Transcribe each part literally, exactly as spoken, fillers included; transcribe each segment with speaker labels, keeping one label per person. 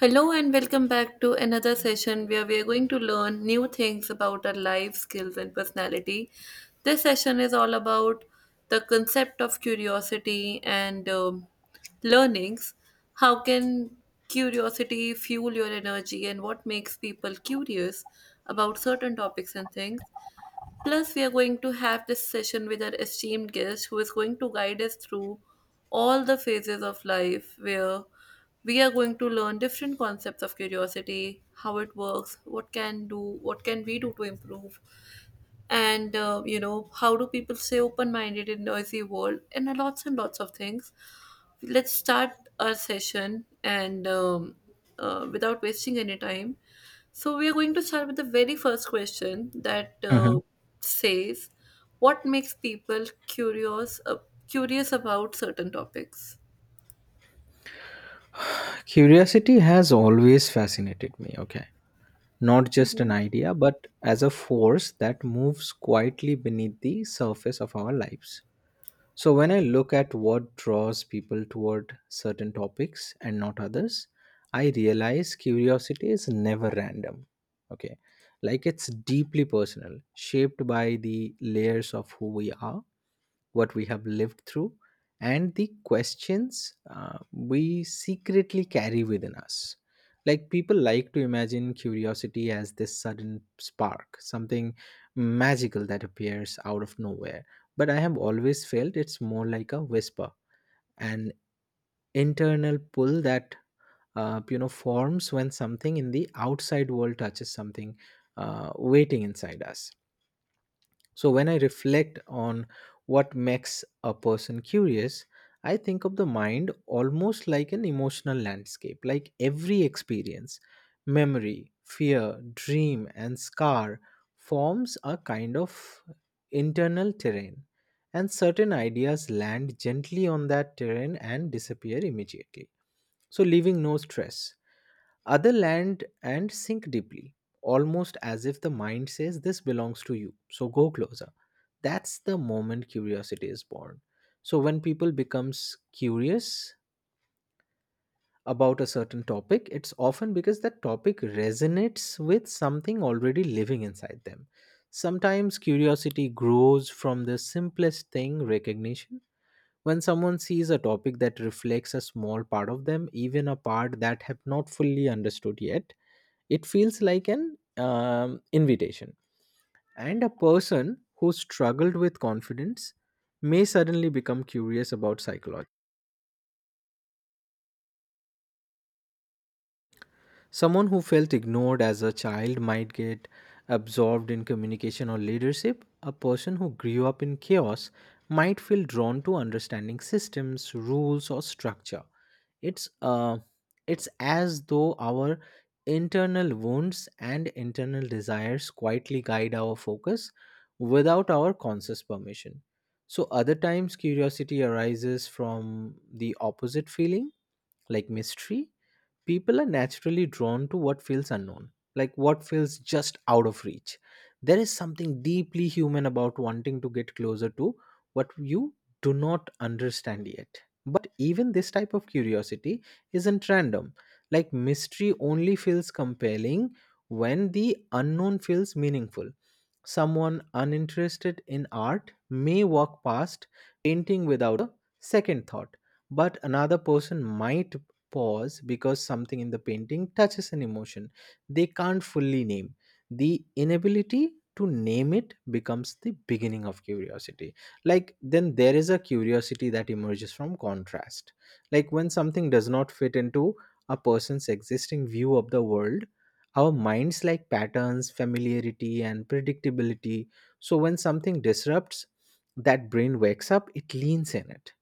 Speaker 1: Hello and welcome back to another session where we are going to learn new things about our life skills and personality. This session is all about the concept of curiosity and um, learnings. How can curiosity fuel your energy, and what makes people curious about certain topics and things? Plus, we are going to have this session with our esteemed guest who is going to guide us through all the phases of life where we are going to learn different concepts of curiosity, how it works, what can do, what can we do to improve, and uh, you know how do people stay open-minded in noisy world, and uh, lots and lots of things. Let's start our session and um, uh, without wasting any time. So we are going to start with the very first question that uh,
Speaker 2: Mhm.
Speaker 1: says, what makes people curious, uh, curious about certain topics?
Speaker 2: Curiosity has always fascinated me, okay? Not just
Speaker 1: Hmm.
Speaker 2: an idea, but as a force that moves quietly beneath the surface of our lives. So, when I look at what draws people toward certain topics and not others, I realize curiosity is never random, okay? Like it's deeply personal, shaped by the layers of who we are, what we have lived through, and the questions uh, we secretly carry within us. Like people like to imagine curiosity as this sudden spark, something magical that appears out of nowhere. But I have always felt it's more like a whisper, an internal pull that uh, you know forms when something in the outside world touches something uh, waiting inside us. So, when I reflect on what makes a person curious, I think of the mind almost like an emotional landscape, like every experience, memory, fear, dream, and scar forms a kind of internal terrain. And certain ideas land gently on that terrain and disappear immediately. So, leaving no stress, other land and sink deeply, almost as if the mind says, "This belongs to you, so go closer." That's the moment curiosity is born. So when people becomes curious about a certain topic, it's often because that topic resonates with something already living inside them. Sometimes curiosity grows from the simplest thing, recognition. When someone sees a topic that reflects a small part of them, even a part that have not fully understood yet, it feels like an um, invitation. And a person who struggled with confidence may suddenly become curious about psychology. Someone who felt ignored as a child might get absorbed in communication or leadership. A person who grew up in chaos might feel drawn to understanding systems, rules, or structure. It's uh, it's as though our internal wounds and internal desires quietly guide our focus without our conscious permission. So other times curiosity arises from the opposite feeling, like mystery. People are naturally drawn to what feels unknown, like what feels just out of reach. There is something deeply human about wanting to get closer to what you do not understand yet. But even this type of curiosity isn't random. Like mystery only feels compelling when the unknown feels meaningful. Someone uninterested in art may walk past painting without a second thought, but another person might pause because something in the painting touches an emotion they can't fully name. The inability to name it becomes the beginning of curiosity. Like, then there is a curiosity that emerges from contrast. Like, when something does not fit into a person's existing view of the world, our minds like patterns, familiarity and predictability. So when something disrupts that, brain wakes up, it leans in, it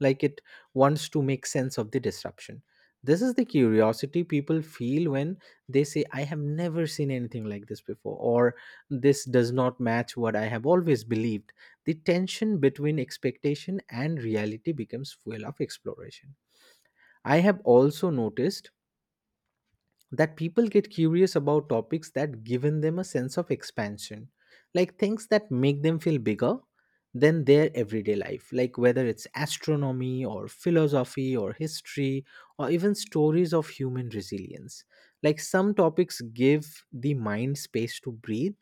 Speaker 2: like it wants to make sense of the disruption. This is the curiosity people feel when they say, "I have never seen anything like this before," or, "This does not match what I have always believed." The tension between expectation and reality becomes fuel of exploration. I have also noticed that people get curious about topics that given them a sense of expansion, like things that make them feel bigger than their everyday life, like whether it's astronomy or philosophy or history or even stories of human resilience. Like some topics give the mind space to breathe,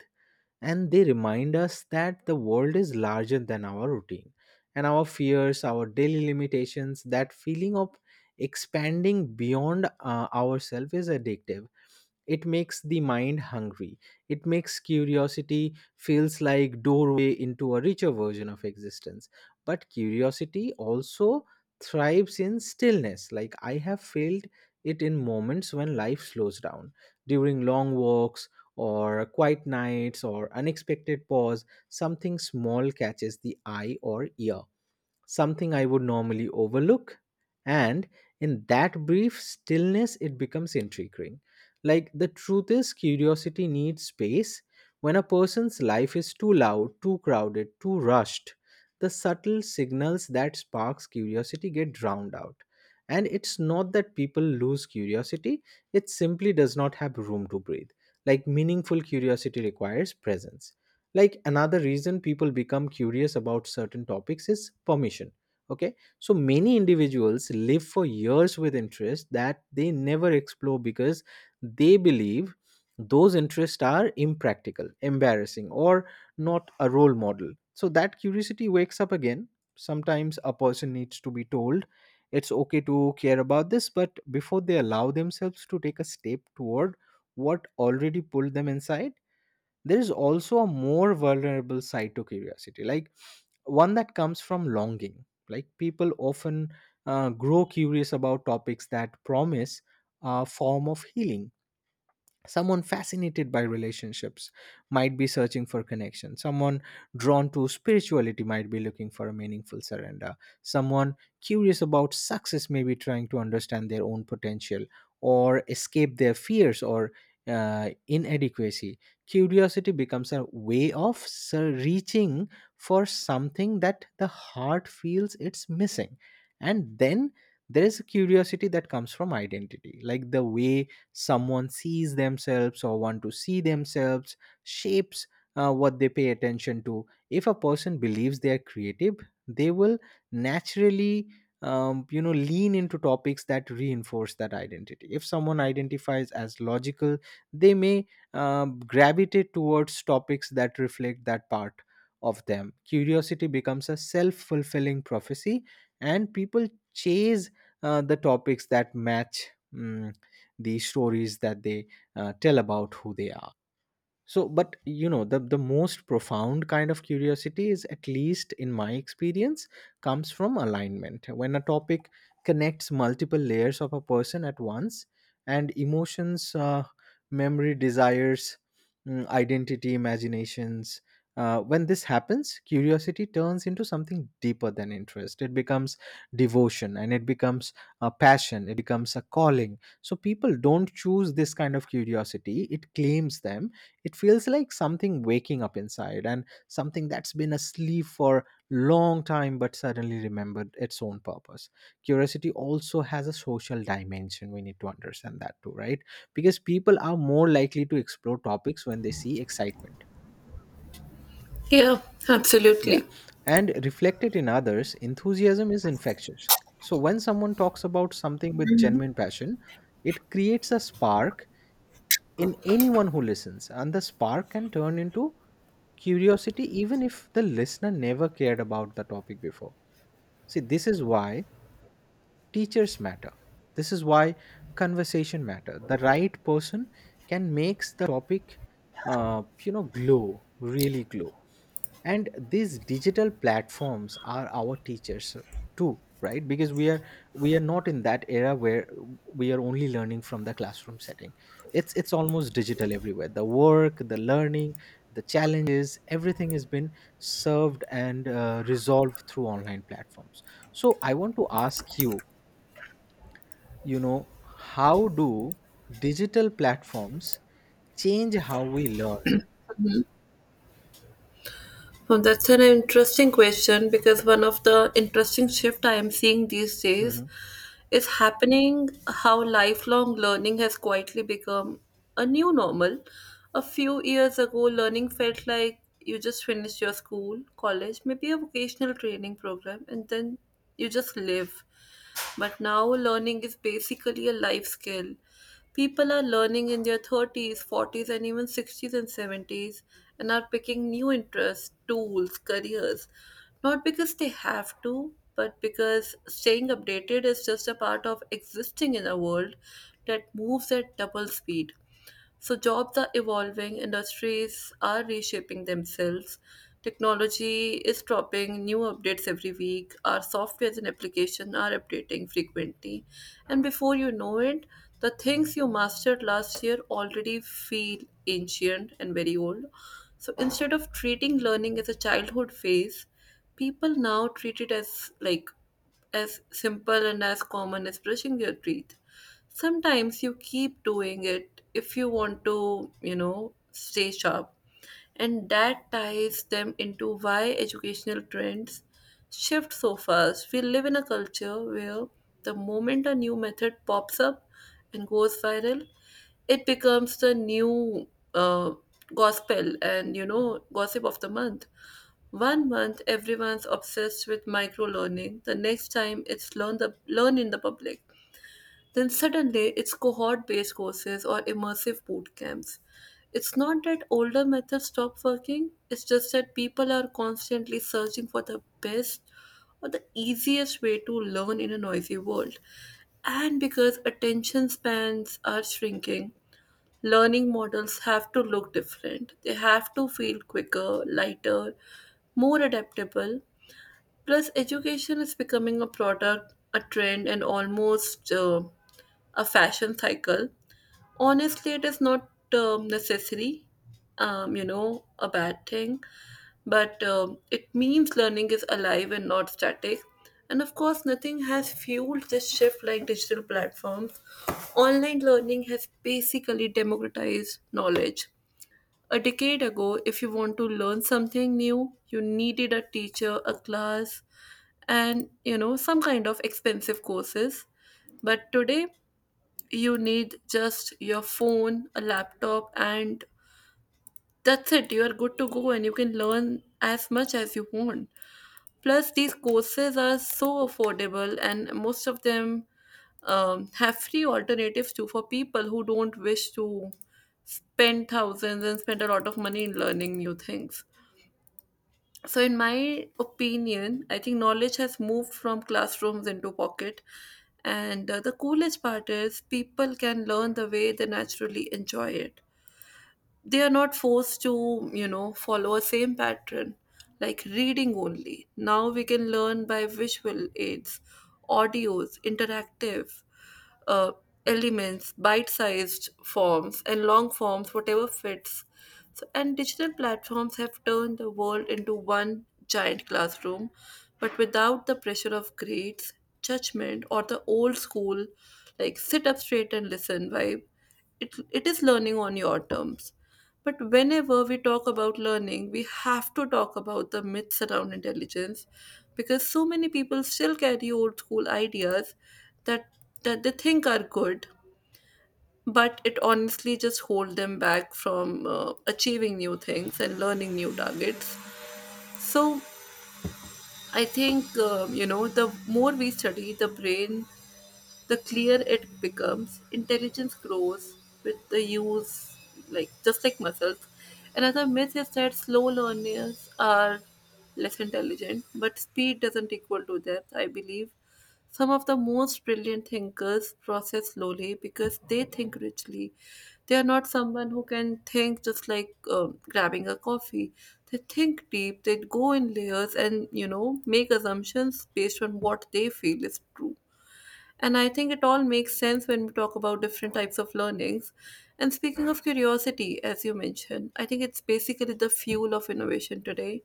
Speaker 2: and they remind us that the world is larger than our routine and our fears, our daily limitations. That feeling of expanding beyond uh, ourselves is addictive, it makes the mind hungry. It makes curiosity feels like doorway into a richer version of existence. But curiosity also thrives in stillness. Like I have felt it in moments when life slows down, during long walks or quiet nights or unexpected pause, something small catches the eye or ear, something I would normally overlook. And in that brief stillness, it becomes intriguing. Like the truth is, curiosity needs space. When a person's life is too loud, too crowded, too rushed, the subtle signals that sparks curiosity get drowned out. And it's not that people lose curiosity, it simply does not have room to breathe. Like meaningful curiosity requires presence. Like another reason people become curious about certain topics is permission, okay? So many individuals live for years with interests that they never explore because they believe those interests are impractical, embarrassing, or not a role model. So that curiosity wakes up again. Sometimes a person needs to be told it's okay to care about this, but before they allow themselves to take a step toward what already pulled them inside. There is also a more vulnerable side to curiosity, like one that comes from longing. Like people often uh, grow curious about topics that promise a form of healing. Someone fascinated by relationships might be searching for connection. Someone drawn to spirituality might be looking for a meaningful surrender. Someone curious about success may be trying to understand their own potential, or escape their fears, or uh, inadequacy. Curiosity becomes a way of ser- reaching for something that the heart feels it's missing. And then there is a curiosity that comes from identity. Like the way someone sees themselves or want to see themselves shapes uh, what they pay attention to. If a person believes they are creative, they will naturally um, you know lean into topics that reinforce that identity. If someone identifies as logical, they may um, gravitate towards topics that reflect that part of them. Curiosity becomes a self-fulfilling prophecy, and people chase uh, the topics that match, mm, the stories that they uh, tell about who they are. So, but you know, the, the most profound kind of curiosity is, at least in my experience, comes from alignment. When a topic connects multiple layers of a person at once, and emotions, uh, memory, desires, mm, identity, imaginations, uh, when this happens, curiosity turns into something deeper than interest. It becomes devotion, and it becomes a passion, it becomes a calling. So, people don't choose this kind of curiosity, it claims them. It feels like something waking up inside, and something that's been asleep for long time but suddenly remembered its own purpose. Curiosity also has a social dimension. We need to understand that too, right? Because people are more likely to explore topics when they see excitement.
Speaker 1: Yeah,
Speaker 2: Yeah.
Speaker 1: absolutely.
Speaker 2: And reflected in others, enthusiasm is infectious. So when someone talks about something with genuine passion, it creates a spark in anyone who listens, and the spark can turn into curiosity even if the listener never cared about the topic before. See, this is why teachers matter, this is why conversation matter. The right person can makes the topic uh, you know glow, really glow. And these digital platforms are our teachers too, right? Because we are we are not in that era where we are only learning from the classroom setting. It's it's almost digital everywhere, the work, the learning, the challenges, everything has been served and uh, resolved through online platforms. So I want to ask you, you know, how do digital platforms change how we learn?
Speaker 1: So that's an interesting question, because one of the interesting shift I am seeing these days
Speaker 2: Mhm.
Speaker 1: is happening how lifelong learning has quietly become a new normal. A few years ago, learning felt like you just finished your school, college, maybe a vocational training program, and then you just live. But now learning is basically a life skill. People are learning in their thirties, forties, and even sixties and seventies, and are picking new interests, tools, careers, not because they have to, but because staying updated is just a part of existing in a world that moves at double speed. So jobs are evolving, industries are reshaping themselves. Technology is dropping new updates every week. Our softwares and applications are updating frequently. And before you know it, the things you mastered last year already feel ancient and very old. So instead of treating learning as a childhood phase, people now treat it as like as simple and as common as brushing your teeth. Sometimes you keep doing it if you want to, you know, stay sharp. And that ties them into why educational trends shift so fast. We live in a culture where the moment a new method pops up and goes viral, it becomes the new uh, gospel and, you know, gossip of the month. One month everyone's obsessed with micro learning, the next time it's learn the learn in the public. Then suddenly it's cohort based courses or immersive boot camps. It's not that older methods stop working, it's just that people are constantly searching for the best or the easiest way to learn in a noisy world. And because attention spans are shrinking, learning models have to look different. They have to feel quicker, lighter, more adaptable. Plus, education is becoming a product, a trend, and almost uh, a fashion cycle. Honestly, it is not um, necessary, um, you know, a bad thing, but um, it means learning is alive and not static. And of course, nothing has fueled this shift like digital platforms. Online learning has basically democratized knowledge. A decade ago, if you want to learn something new, you needed a teacher, a class, and you know, some kind of expensive courses. But today, you need just your phone, a laptop, and that's it. You are good to go and you can learn as much as you want. Plus, these courses are so affordable, and most of them um, have free alternatives too for people who don't wish to spend thousands and spend a lot of money in learning new things. So, in my opinion, I think knowledge has moved from classrooms into pocket. And uh, the coolest part is people can learn the way they naturally enjoy it. They are not forced to, you know, follow a same pattern like reading only. Now we can learn by visual aids, audios, interactive uh, elements, bite-sized forms and long forms, whatever fits. So and digital platforms have turned the world into one giant classroom, but without the pressure of grades, judgment, or the old school like sit up straight and listen vibe. It, it is learning on your terms. But whenever we talk about learning, we have to talk about the myths around intelligence, because so many people still carry old school ideas that that they think are good, but it honestly just hold them back from uh, achieving new things and learning new targets. So I think um, you know the more we study the brain, the clearer it becomes. Intelligence grows with the use, like just like muscles. Another myth is that slow learners are less intelligent, but speed doesn't equal to depth, I believe. Some of the most brilliant thinkers process slowly because they think richly. They are not someone who can think just like um, grabbing a coffee. They think deep, they go in layers and, you know, make assumptions based on what they feel is true. And I think it all makes sense when we talk about different types of learnings. And speaking of curiosity, as you mentioned, I think it's basically the fuel of innovation today.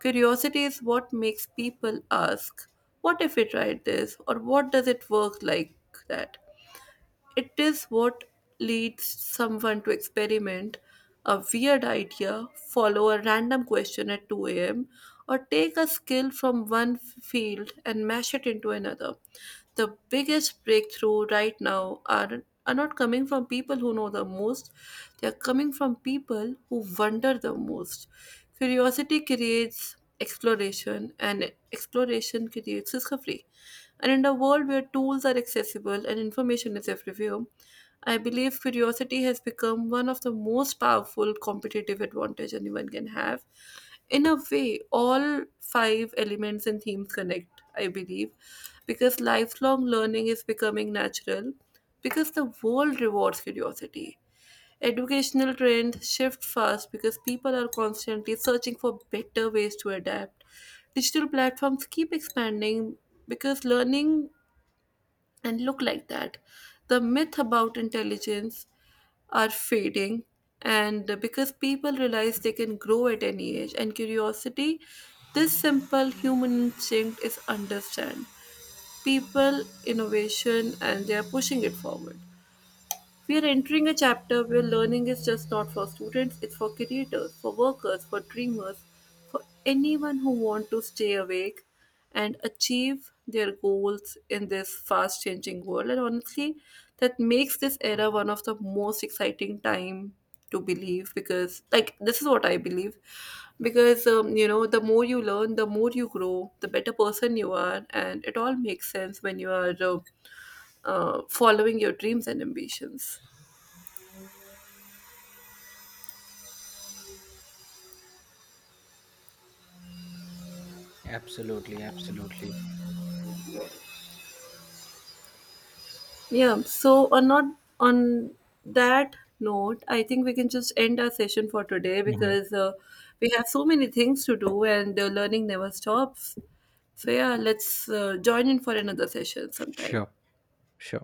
Speaker 1: Curiosity is what makes people ask, what if we tried this? Or what does it work like that? It is what leads someone to experiment a weird idea, follow a random question at two a m, or take a skill from one f- field and mash it into another. The biggest breakthrough right now are, are not coming from people who know the most, they are coming from people who wonder the most. Curiosity creates exploration, and exploration creates discovery. And in a world where tools are accessible and information is everywhere, I believe curiosity has become one of the most powerful competitive advantage anyone can have. In a way, all five elements and themes connect, I believe, because lifelong learning is becoming natural because the world rewards curiosity. Educational trends shift fast because people are constantly searching for better ways to adapt. Digital platforms keep expanding because learning and look like that. The myth about intelligence are fading, and because people realize they can grow at any age, and curiosity, this simple human instinct, is understand people innovation and they are pushing it forward. We are entering a chapter where learning is just not for students, it's for creators, for workers, for dreamers, for anyone who wants to stay awake and achieve their goals in this fast changing world. And honestly, that makes this era one of the most exciting time to believe, because like this is what I believe, because um, you know the more you learn the more you grow the better person you are, and it all makes sense when you are uh, uh, following your dreams and ambitions.
Speaker 2: Absolutely, absolutely.
Speaker 1: Yeah. So on not on that note, I think we can just end our session for today
Speaker 2: Mhm.
Speaker 1: because uh, we have so many things to do, and uh, learning never stops. So yeah, let's uh, join in for another session sometime.
Speaker 2: Sure. все